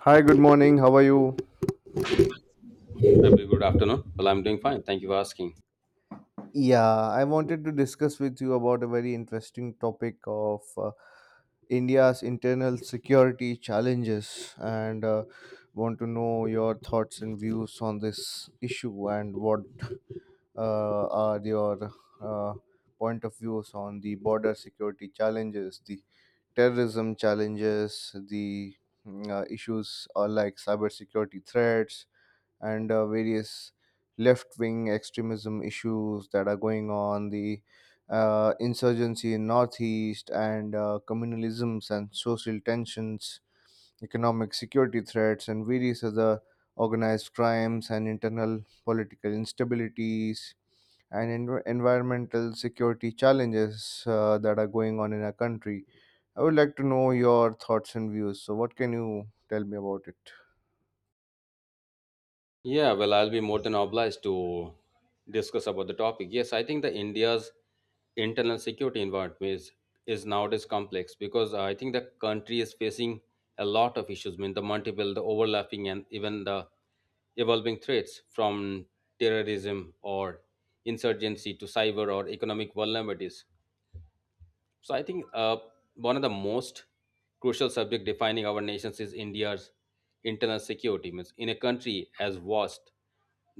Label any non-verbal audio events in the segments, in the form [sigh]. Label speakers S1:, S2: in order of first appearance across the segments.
S1: Hi, good morning. How are you?
S2: A very good afternoon. Well, I'm doing fine. Thank you for asking.
S1: Yeah, I wanted to discuss with you about a very interesting topic of India's internal security challenges and want to know your thoughts and views on this issue and what are your uh, point of views on the border security challenges, the terrorism challenges, the issues like cybersecurity threats, and various left wing extremism issues that are going on, the insurgency in Northeast, and communalisms and social tensions, economic security threats, and various other organized crimes and internal political instabilities, and environmental security challenges that are going on in our country. I would like to know your thoughts and views. So, what can you tell me about it?
S2: Yeah, well, I'll be more than obliged to discuss about the topic. Yes, I think that India's internal security environment is nowadays complex because I think the country is facing a lot of issues. I mean, the multiple, the overlapping, and even the evolving threats from terrorism or insurgency to cyber or economic vulnerabilities. So I think one of the most crucial subject defining our nations is India's internal security. Means in a country as vast,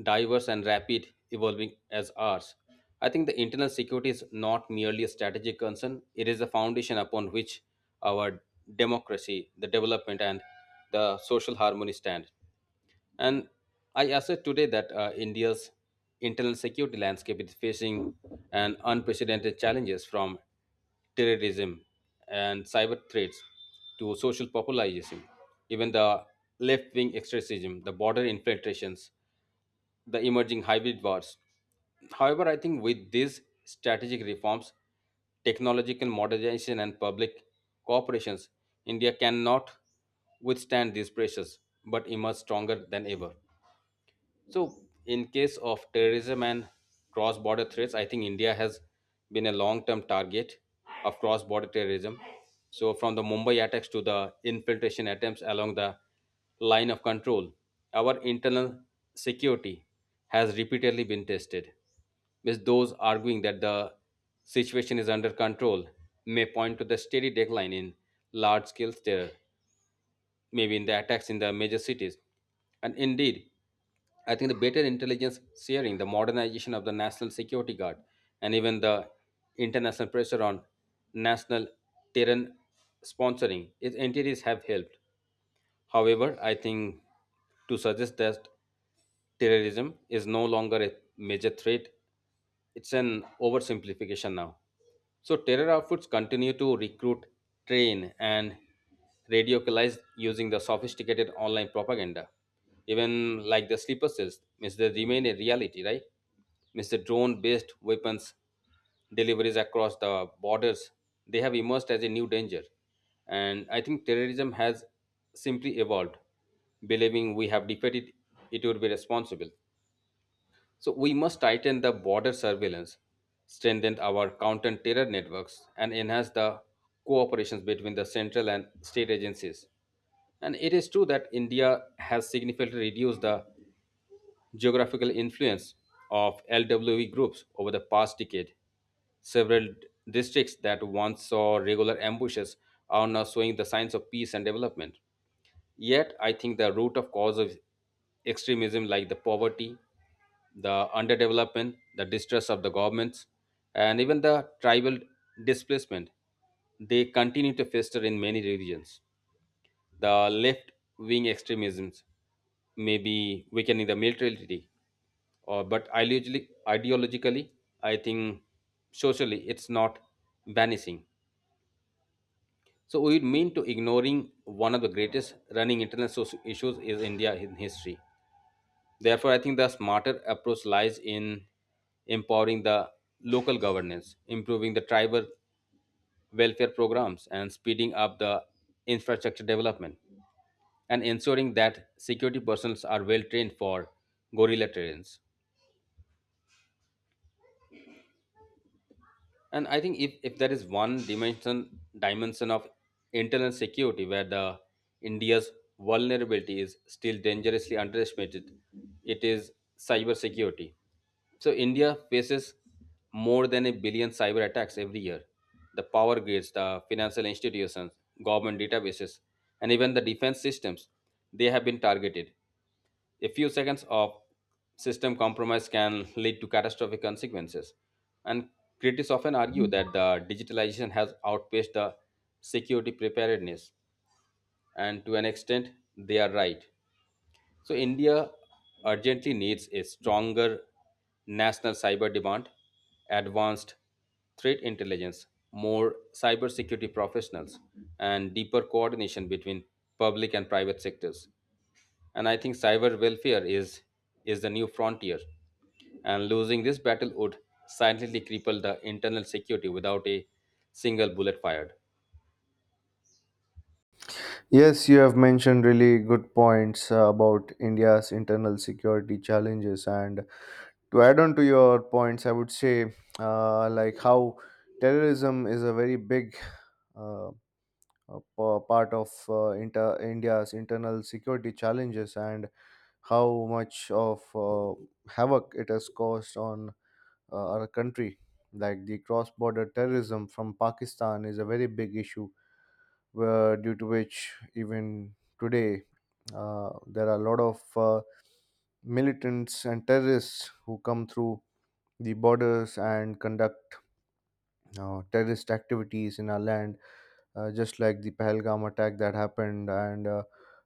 S2: diverse, and rapid evolving as ours, I think the internal security is not merely a strategic concern. It is the foundation upon which our democracy, the development, and the social harmony stand. And I assert today that India's internal security landscape is facing an unprecedented challenges from terrorism and cyber threats to social populism, even the left-wing extremism, the border infiltrations, the emerging hybrid wars. However, I think with these strategic reforms, technological modernization, and public cooperations, India cannot withstand these pressures but emerge stronger than ever. So, in case of terrorism and cross border threats, I think India has been a long term target of cross border terrorism. So, from the Mumbai attacks to the infiltration attempts along the line of control, our internal security has repeatedly been tested. With those arguing that the situation is under control, may point to the steady decline in large scale terror maybe in the attacks in the major cities. And indeed, I think the better intelligence sharing, the modernization of the National Security Guard, and even the international pressure on national terror sponsoring, its entities have helped. However, I think to suggest that terrorism is no longer a major threat, it's an oversimplification now. So, terror outfits continue to recruit, train, and radicalize using the sophisticated online propaganda. Even like the sleeper cells, means they remain a reality, right? Means the drone based weapons deliveries across the borders, they have emerged as a new danger. And I think terrorism has simply evolved. Believing we have defeated it would be responsible. So we must tighten the border surveillance, strengthen our counter terror networks, and enhance the cooperations between the central and state agencies. And it is true that India has significantly reduced the geographical influence of LWE groups over the past decade. Several districts that once saw regular ambushes are now showing the signs of peace and development. Yet, I think the root of cause of extremism, like the poverty, the underdevelopment, the distrust of the governments, and even the tribal displacement, they continue to fester in many regions. The left wing extremisms may be weakening the militarily, or but ideologically, I think socially, it's not vanishing. So we mean to ignoring one of the greatest running internal issues is India in history. Therefore, I think the smarter approach lies in empowering the local governance, improving the tribal welfare programs, and speeding up the infrastructure development, and ensuring that security personnel are well trained for gorilla terrains. And I think if there is one dimension of internal security where the India's vulnerability is still dangerously underestimated, it is cybersecurity. So India faces more than a billion cyber attacks every year. The power grids, the financial institutions, government databases, and even the defense systems, they have been targeted. A few seconds of system compromise can lead to catastrophic consequences. And critics often argue that the digitalization has outpaced the security preparedness, and to an extent, they are right. So, India urgently needs a stronger national cyber demand, advanced threat intelligence, more cybersecurity professionals, and deeper coordination between public and private sectors, and I think cyber welfare is the new frontier, and losing this battle would silently cripple the internal security without a single bullet fired.
S1: Yes, you have mentioned really good points about India's internal security challenges. And to add on to your points, I would say like how terrorism is a very big uh, a part of India's internal security challenges, and how much of havoc it has caused on our country. Like the cross border terrorism from Pakistan is a very big issue, where, due to which, even today there are a lot of militants and terrorists who come through the borders and conduct terrorist activities in our land, just like the Pahalgam attack that happened. And uh,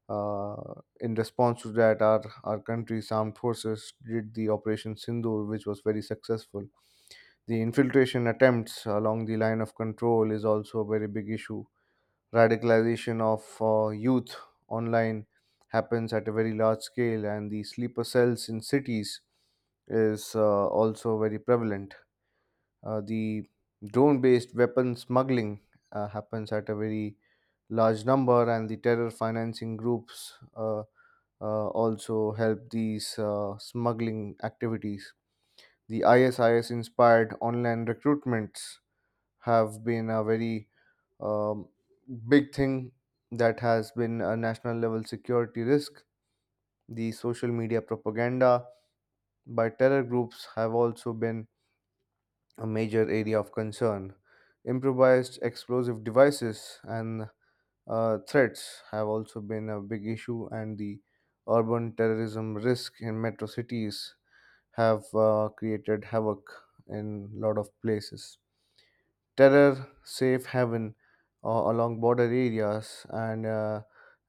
S1: uh, in response to that, our country's armed forces did the Operation Sindoor, which was very successful. The infiltration attempts along the line of control is also a very big issue. Radicalization of youth online happens at a very large scale, and the sleeper cells in cities is also very prevalent. The drone based weapon smuggling happens at a very large number, and the terror financing groups also help these smuggling activities. The ISIS inspired online recruitments have been a very um, big thing that has been a national level security risk. The social media propaganda by terror groups have also been a major area of concern. Improvised explosive devices and threats have also been a big issue, and the urban terrorism risk in metro cities have created havoc in a lot of places. Terror safe haven along border areas, and uh,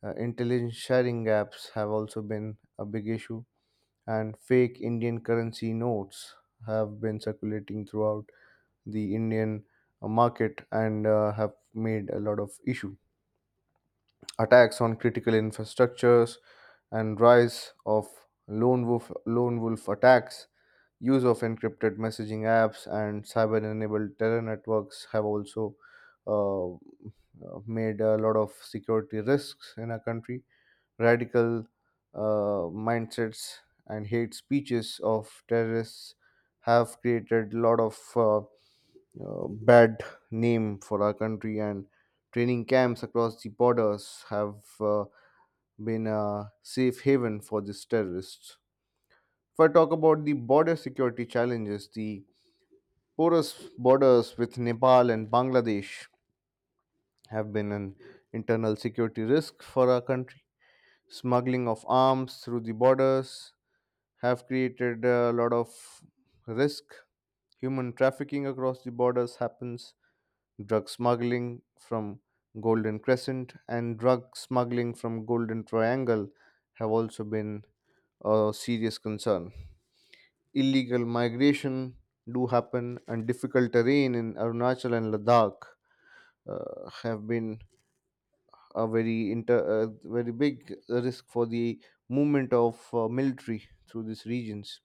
S1: uh, intelligence sharing gaps have also been a big issue, and fake Indian currency notes have been circulating throughout the Indian market, and have made a lot of issue. Attacks on critical infrastructures, and rise of lone wolf attacks. Use of encrypted messaging apps and cyber enabled terror networks have also made a lot of security risks in our country. Radical mindsets and hate speeches of terrorists have created a lot of bad name for our country, and training camps across the borders have been a safe haven for these terrorists. If I talk about the border security challenges, the porous borders with Nepal and Bangladesh have been an internal security risk for our country. Smuggling of arms through the borders have created a lot of risk. Human trafficking across the borders happens. Drug smuggling from Golden Crescent and drug smuggling from Golden Triangle have also been a serious concern. Illegal migration do happen, and difficult terrain in Arunachal and Ladakh have been a very inter very big risk for the movement of military through these regions.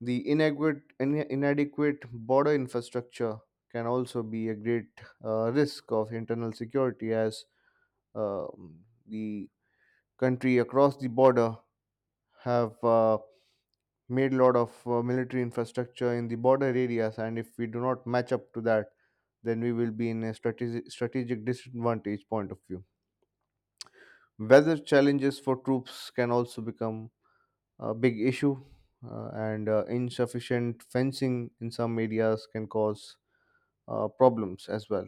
S1: The inadequate inadequate border infrastructure can also be a great risk of internal security, as um the country across the border have made a lot of military infrastructure in the border areas, and if we do not match up to that, then we will be in a strategic disadvantage point of view. Weather challenges for troops can also become a big issue, and insufficient fencing in some areas can cause problems as well.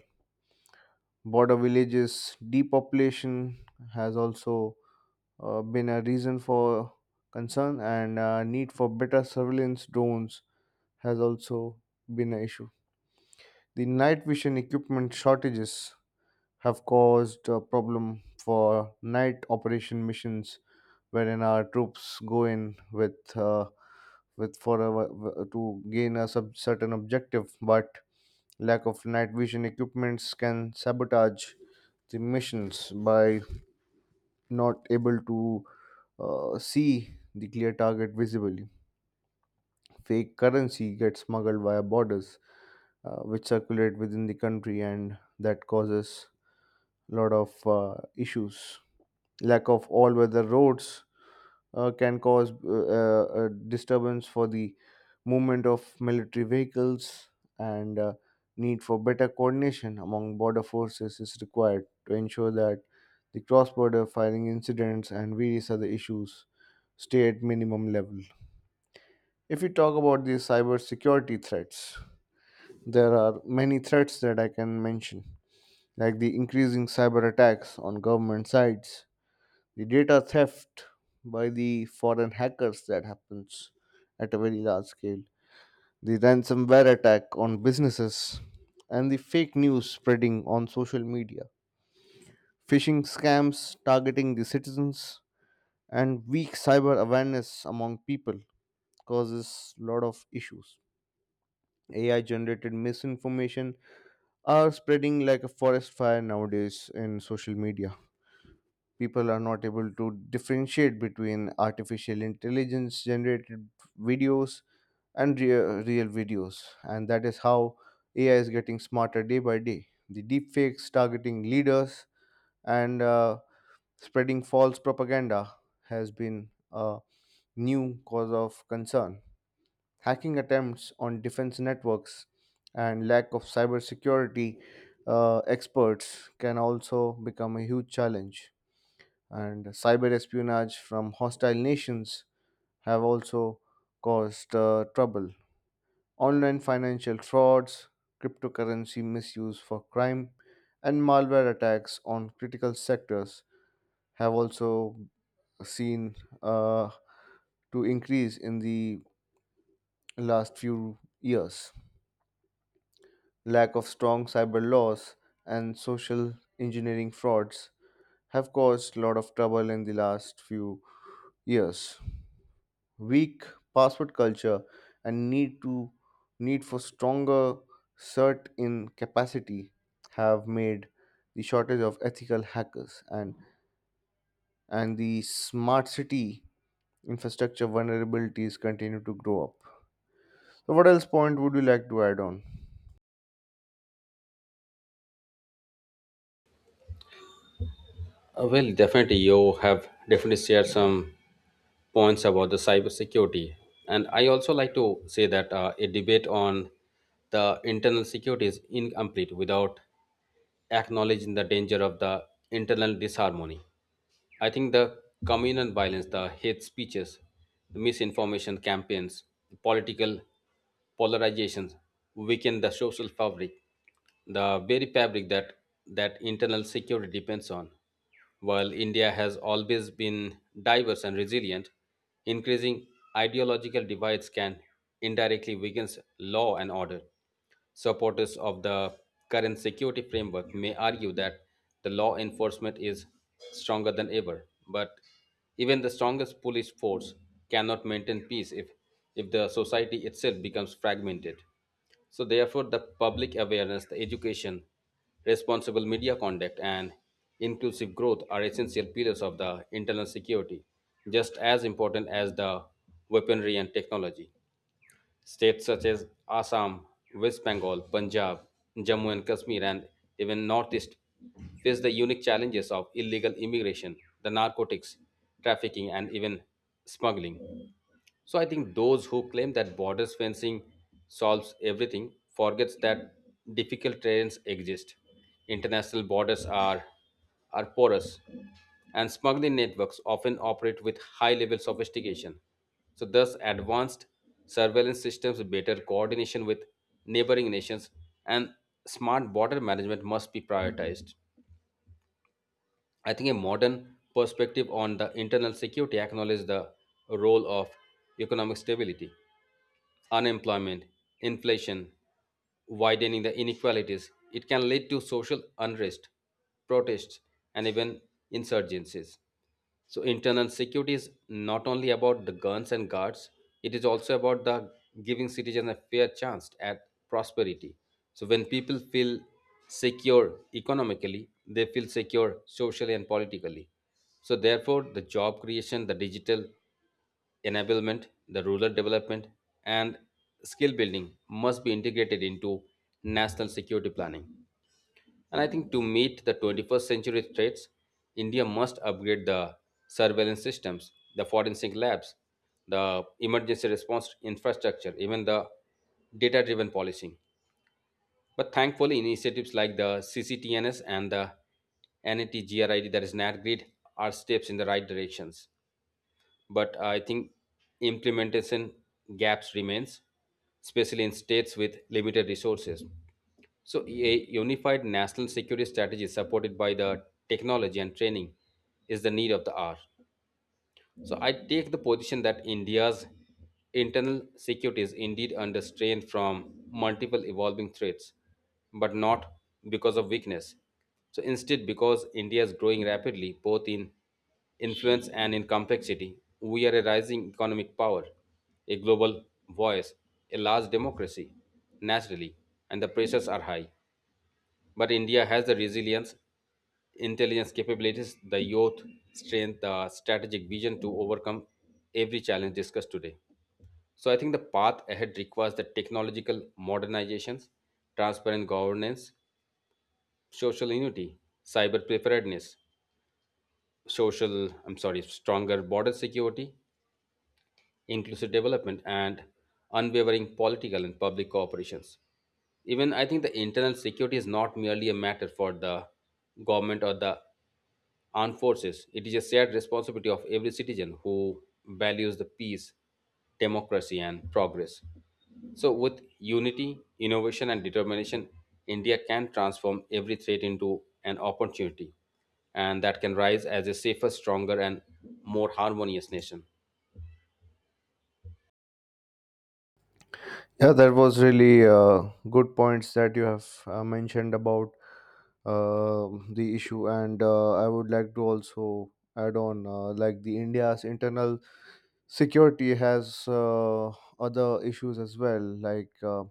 S1: Border villages depopulation has also been a reason for concern, and need for better surveillance drones has also been an issue. The night vision equipment shortages have caused a problem for night operation missions, wherein our troops go in with to gain a certain objective, but lack of night vision equipments can sabotage the missions by not able to see the clear target visibly. Fake currency gets smuggled via borders, which circulate within the country, and that causes a lot of issues. Lack of all-weather roads can cause disturbance for the movement of military vehicles, and need for better coordination among border forces is required to ensure that the cross-border firing incidents and various other issues stay at minimum level. If we talk about the cyber security threats, there are many threats that I can mention, like the increasing cyber attacks on government sites, the data theft by the foreign hackers that happens at a very large scale, the ransomware attack on businesses, and the fake news spreading on social media, phishing scams targeting the citizens, and weak cyber awareness among people causes a lot of issues. AI generated misinformation are spreading like a forest fire nowadays in social media. People are not able to differentiate between artificial intelligence generated videos and real videos, and that is how AI is getting smarter day by day. The deepfakes targeting leaders and spreading false propaganda has been a new cause of concern. Hacking attempts on defense networks and lack of cybersecurity experts can also become a huge challenge, and cyber espionage from hostile nations have also caused trouble. Online financial frauds, cryptocurrency misuse for crime, and malware attacks on critical sectors have also seen uh, to increase in the last few years. Lack of strong cyber laws and social engineering frauds have caused a lot of trouble in the last few years. Weak password culture, and need for stronger cert in capacity have made the shortage of ethical hackers, and the smart city infrastructure vulnerabilities continue to grow up. So, what else point would you like to add on?
S2: Well, definitely you have definitely shared some points about the cyber security, and I also like to say that a debate on the internal security is incomplete without acknowledging the danger of the internal disharmony. I think the communal violence, the hate speeches, the misinformation campaigns, the political polarizations weaken the social fabric, the very fabric that internal security depends on. While India has always been diverse and resilient, increasing ideological divides can indirectly weaken law and order. Supporters of the current security framework may argue that the law enforcement is stronger than ever, but even the strongest police force cannot maintain peace if the society itself becomes fragmented. So, therefore, the public awareness, the education, responsible media conduct, and inclusive growth are essential pillars of the internal security, just as important as the weaponry and technology. States such as Assam, West Bengal, Punjab, Jammu and Kashmir, and even Northeast face the unique challenges of illegal immigration, the narcotics, trafficking, and even smuggling. So I think those who claim that borders fencing solves everything forgets that difficult terrains exist. International borders are porous, and smuggling networks often operate with high level sophistication. So thus advanced surveillance systems, better coordination with neighboring nations, and smart border management must be prioritized. I think a modern perspective on the internal security acknowledges the role of economic stability, unemployment, inflation, widening the inequalities. It can lead to social unrest, protests, and even insurgencies. So, internal security is not only about the guns and guards, it is also about the giving citizens a fair chance at prosperity. So, when people feel secure economically, they feel secure socially and politically. So, therefore, the job creation, the digital enablement, the rural development, and skill building must be integrated into national security planning. And I think to meet the 21st century threats, India must upgrade the surveillance systems, the forensic labs, the emergency response infrastructure, even the data driven policing. But thankfully, initiatives like the CCTNS and the NATGRID, that is NATGRID, are steps in the right directions, but I think implementation gaps remains, especially in states with limited resources. So a unified national security strategy supported by the technology and training is the need of the hour. So I take the position that India's internal security is indeed under strain from multiple evolving threats, but not because of weakness. So instead, because India is growing rapidly, both in influence and in complexity, we are a rising economic power, a global voice, a large democracy, naturally, and the pressures are high. But India has the resilience intelligence capabilities, the youth strength, the strategic vision to overcome every challenge discussed today. So I think the path ahead requires the technological modernizations, transparent governance, social unity, cyber preparedness, stronger border security, inclusive development, and unwavering political and public cooperations. Even I think the internal security is not merely a matter for the government or the armed forces. It is a shared responsibility of every citizen who values the peace, democracy, and progress. So, with unity, innovation, and determination, India can transform every threat into an opportunity, and that can rise as a safer, stronger, and more harmonious nation.
S1: Yeah, that was really good points that you have mentioned about the issue, and I would like to also add on like the India's internal security has other issues as well, like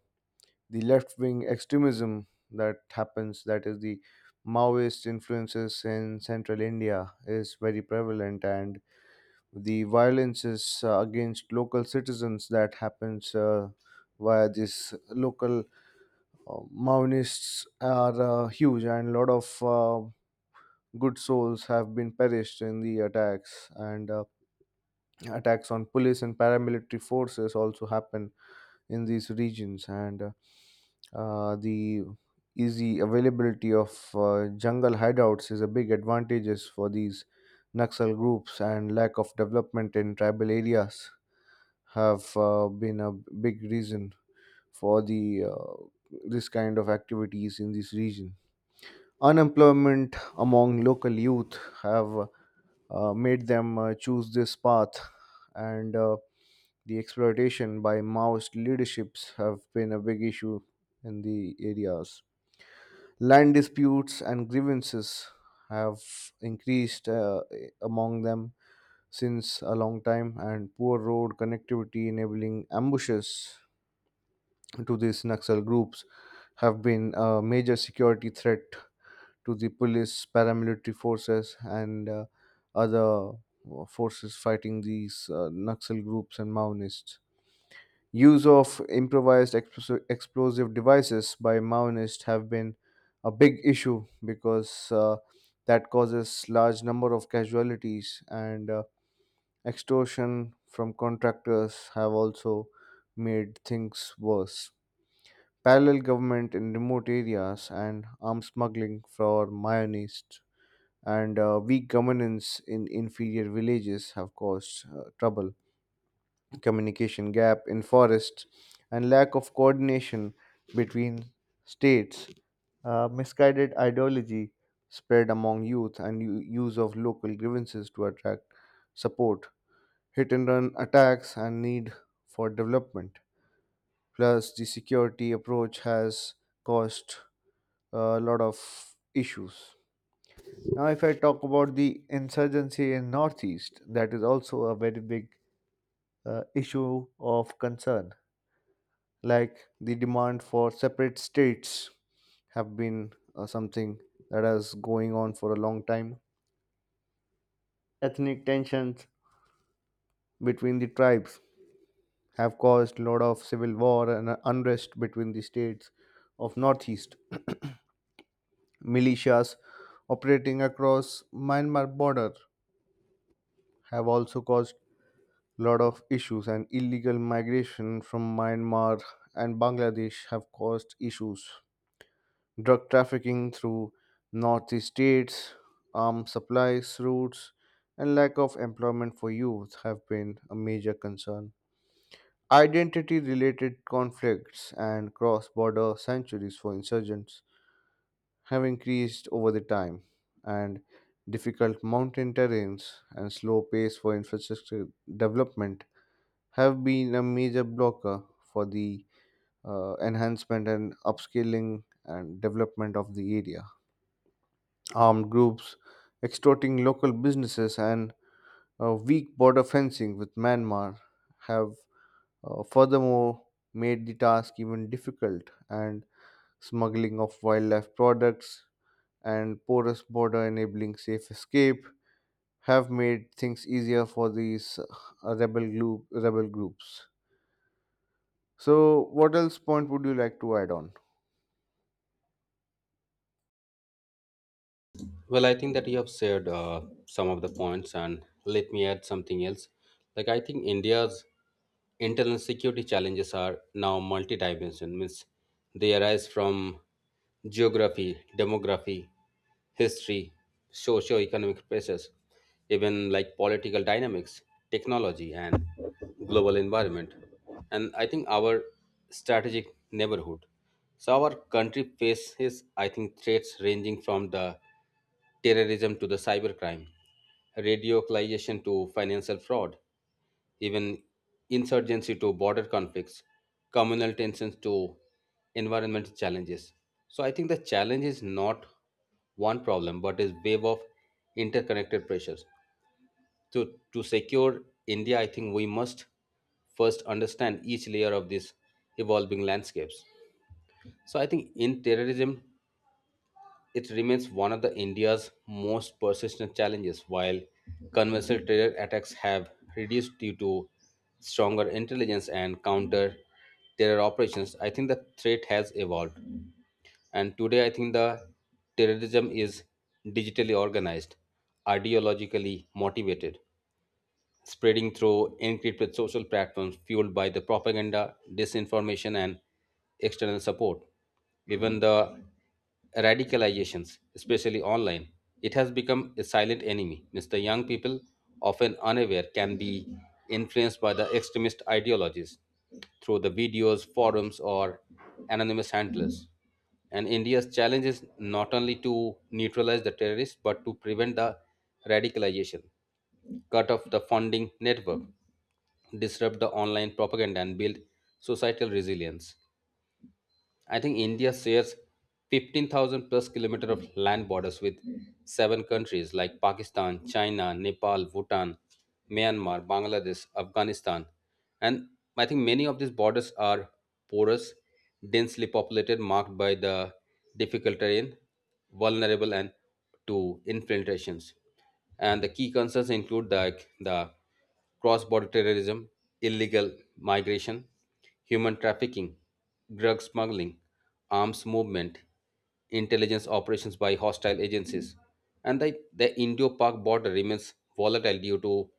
S1: the left wing extremism that happens, that is the Maoist influences in central India is very prevalent, and the violence is against local citizens that happens via these local Maoists are huge, and a lot of good souls have been perished in the attacks. And attacks on police and paramilitary forces also happen in these regions. And the easy availability of jungle hideouts is a big advantages for these Naxal groups, and lack of development in tribal areas have been a big reason for the this kind of activities in this region. Unemployment among local youth have made them choose this path, and the exploitation by Maoist leaderships have been a big issue in the areas. Land disputes and grievances have increased among them since a long time, and poor road connectivity enabling ambushes to these Naxal groups have been a major security threat to the police, paramilitary forces, and other forces fighting these Naxal groups and Maoists. Use of improvised explosive devices by Maoists have been a big issue, because that causes large number of casualties, and extortion from contractors have also made things worse. Parallel government in remote areas, and arms smuggling for Mayanists, and weak governance in inferior villages have caused trouble. Communication gap in forests, and lack of coordination between states, misguided ideology spread among youth, and use of local grievances to attract support, hit and run attacks, and need for development. Plus, the security approach has caused a lot of issues. Now, if I talk about the insurgency in Northeast, that is also a very big issue of concern. Like the demand for separate states have been something that has going on for a long time. Ethnic tensions between the tribes have caused a lot of civil war and unrest between the states of Northeast. Militias operating across Myanmar border have also caused lot of issues, and illegal migration from Myanmar and Bangladesh have caused issues. Drug trafficking through Northeast states, arms supplies routes, and lack of employment for youth have been a major concern. Identity related conflicts and cross border sanctuaries for insurgents have increased over the time, and difficult mountain terrains and slow pace for infrastructure development have been a major blocker for the enhancement and upscaling and development of the area. Armed groups extorting local businesses, and weak border fencing with Myanmar have furthermore made the task even difficult, and smuggling of wildlife products and porous border enabling safe escape have made things easier for these rebel groups. So, what else point would you like to add on?
S2: Well, I think that you have shared some of the points, and let me add something else. Like, I think India's internal security challenges are now multidimensional means they arise from geography, demography, history, socio-economic pressures, even like political dynamics, technology, and global environment, and I think our strategic neighborhood. So our country faces, I think, threats ranging from the terrorism to the cybercrime, radicalization to financial fraud, even insurgency to border conflicts, communal tensions to environmental challenges. So I think the challenge is not one problem, but is wave of interconnected pressures. To secure India, I think we must first understand each layer of these evolving landscapes. So I think in terrorism, it remains one of the India's most persistent challenges. While conventional terror attacks have reduced due to stronger intelligence and counter terror operations, I think the threat has evolved. And today, I think the terrorism is digitally organized, ideologically motivated, spreading through encrypted social platforms fueled by the propaganda, disinformation, and external support. Even the radicalizations, especially online, it has become a silent enemy. Means the young people, often unaware, can be influenced by the extremist ideologies through the videos, forums, or anonymous handlers. And India's challenge is not only to neutralize the terrorists but to prevent the radicalization, cut off the funding network, disrupt the online propaganda, and build societal resilience. I think India shares 15,000 plus kilometer of land borders with seven countries like Pakistan, China, Nepal, Bhutan, Myanmar, Bangladesh, Afghanistan. And I think many of these borders are porous, densely populated, marked by the difficult terrain, vulnerable and to infiltrations, and the key concerns include the cross-border terrorism, illegal migration, human trafficking, drug smuggling, arms movement, intelligence operations by hostile agencies, and the Indo-Pak border remains volatile due to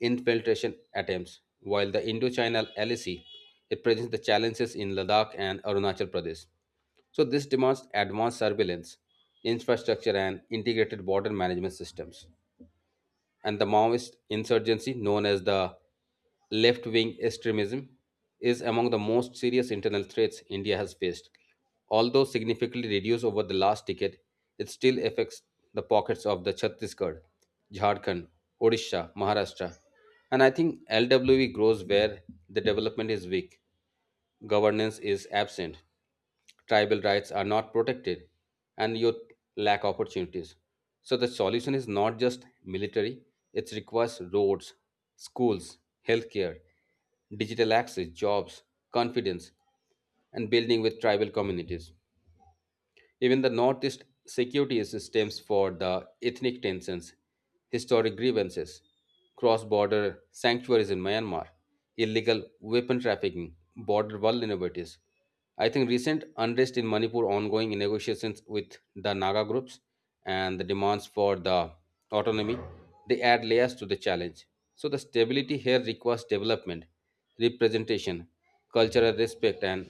S2: infiltration attempts, while the Indochina LAC it presents the challenges in Ladakh and Arunachal Pradesh. So this demands advanced surveillance, infrastructure, and integrated border management systems, and the Maoist insurgency, known as the left wing extremism, is among the most serious internal threats India has faced. Although significantly reduced over the last decade, it still affects the pockets of the Chhattisgarh, Jharkhand, Odisha, Maharashtra, and I think LWE grows where the development is weak, governance is absent, tribal rights are not protected, and youth lack opportunities. So the solution is not just military, it requires roads, schools, healthcare, digital access, jobs, confidence, and building with tribal communities. Even the Northeast security systems for the ethnic tensions, historic grievances, cross border sanctuaries in Myanmar, illegal weapon trafficking, border vulnerabilities. I think recent unrest in Manipur, ongoing negotiations with the Naga groups, and the demands for the autonomy, they add layers to the challenge. So the stability here requires development, representation, cultural respect, and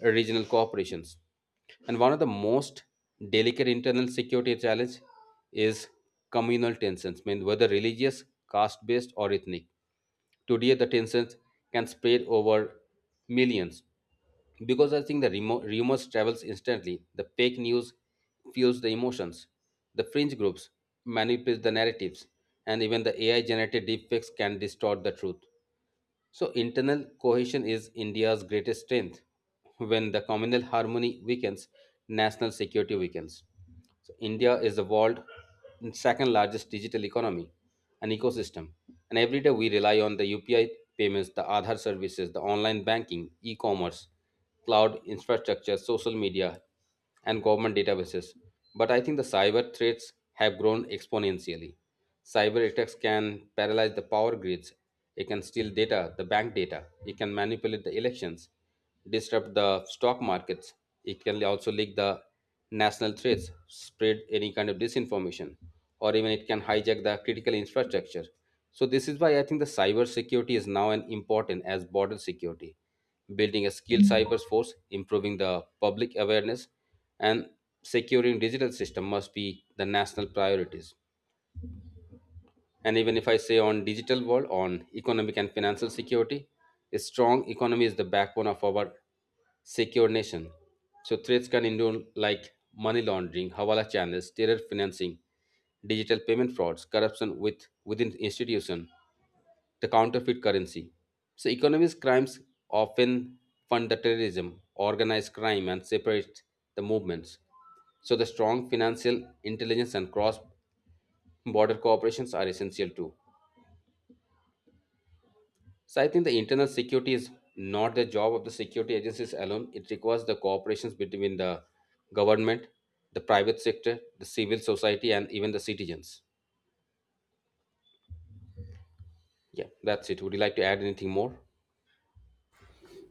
S2: regional cooperations. And one of the most delicate internal security challenge is communal tensions, mean whether religious, caste-based, or ethnic. Today, the tensions can spread over millions because I think the rumors travels instantly. The fake news fuels the emotions. The fringe groups manipulate the narratives, and even the AI-generated deepfakes can distort the truth. So, internal cohesion is India's greatest strength. When the communal harmony weakens, national security weakens. So, India is the world's second largest digital economy and ecosystem. And every day we rely on the UPI payments, the Aadhaar services, the online banking, e commerce, cloud infrastructure, social media, and government databases. But I think the cyber threats have grown exponentially. Cyber attacks can paralyze the power grids, it can steal data, the bank data, it can manipulate the elections, disrupt the stock markets, it can also leak the national threats, spread any kind of disinformation, or even it can hijack the critical infrastructure. So this is why I think the cyber security is now an important as border security, building a skilled cyber force, improving the public awareness, and securing digital system must be the national priorities. And even if I say on digital world, on economic and financial security, a strong economy is the backbone of our secure nation. So threats can include like money laundering, hawala channels, terror financing, digital payment frauds, corruption with within institution, the counterfeit currency. So, economic crimes often fund the terrorism, organized crime, and separate the movements. So, the strong financial intelligence and cross border cooperations are essential too. So, I think the internal security is not the job of the security agencies alone, it requires the cooperations between the government, the private sector, the civil society, and even the citizens. Yeah, that's it. Would you like to add anything more?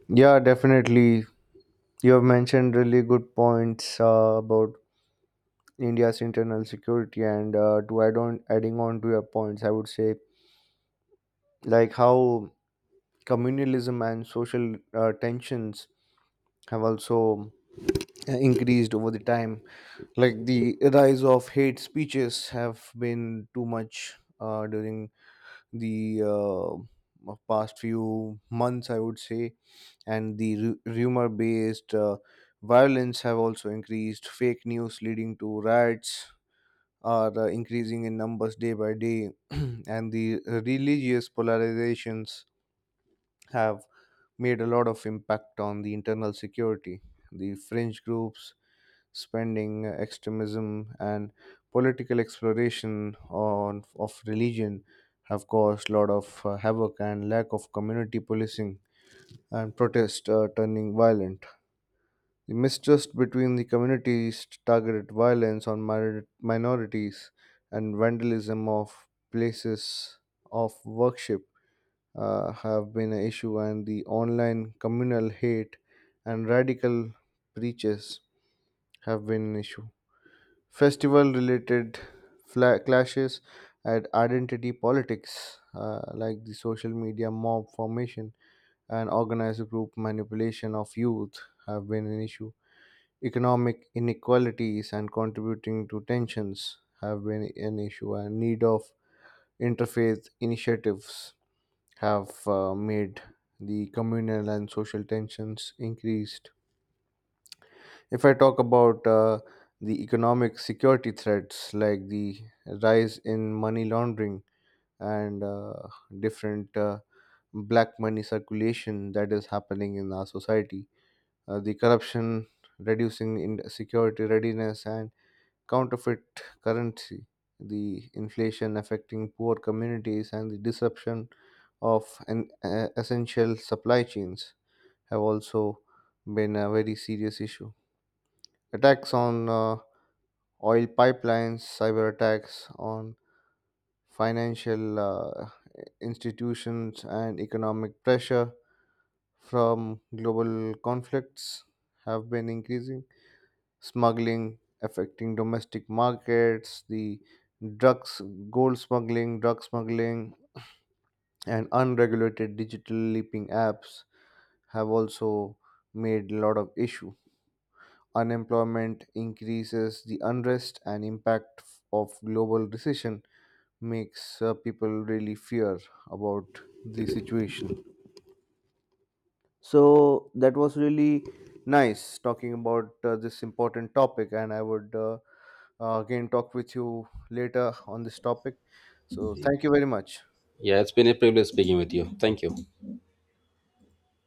S1: Yeah, definitely. You have mentioned really good points about India's internal security, and adding on to your points, I would say like how communalism and social tensions have also increased over the time. Like the rise of hate speeches have been too much during the past few months, I would say, and the rumor based violence have also increased. Fake news leading to riots are increasing in numbers day by day, [clears throat] and the religious polarizations have made a lot of impact on the internal security. The fringe groups spending, extremism, and political exploration on of religion have caused a lot of havoc, and lack of community policing and protest turning violent. The mistrust between the communities, targeted violence on minorities, and vandalism of places of worship have been an issue, and the online communal hate and radical preaches have been an issue. Festival related clashes and identity politics, like the social media mob formation and organized group manipulation of youth, have been an issue. Economic inequalities and contributing to tensions have been an issue, and need of interfaith initiatives have made the communal and social tensions increased. If I talk about the economic security threats, like the rise in money laundering, and different black money circulation that is happening in our society, the corruption reducing in security readiness, and counterfeit currency, the inflation affecting poor communities, and the disruption of an, essential supply chains have also been a very serious issue. Attacks on oil pipelines, cyber attacks on financial institutions, and economic pressure from global conflicts have been increasing. Smuggling affecting domestic markets, the drugs, gold smuggling, drug smuggling, and unregulated digital leaping apps have also made a lot of issue. Unemployment increases the unrest, and impact of global recession makes people really fear about the situation. So that was really nice talking about this important topic, and I would again talk with you later on this topic. So thank you very much.
S2: Yeah, it's been a privilege speaking with you. Thank you.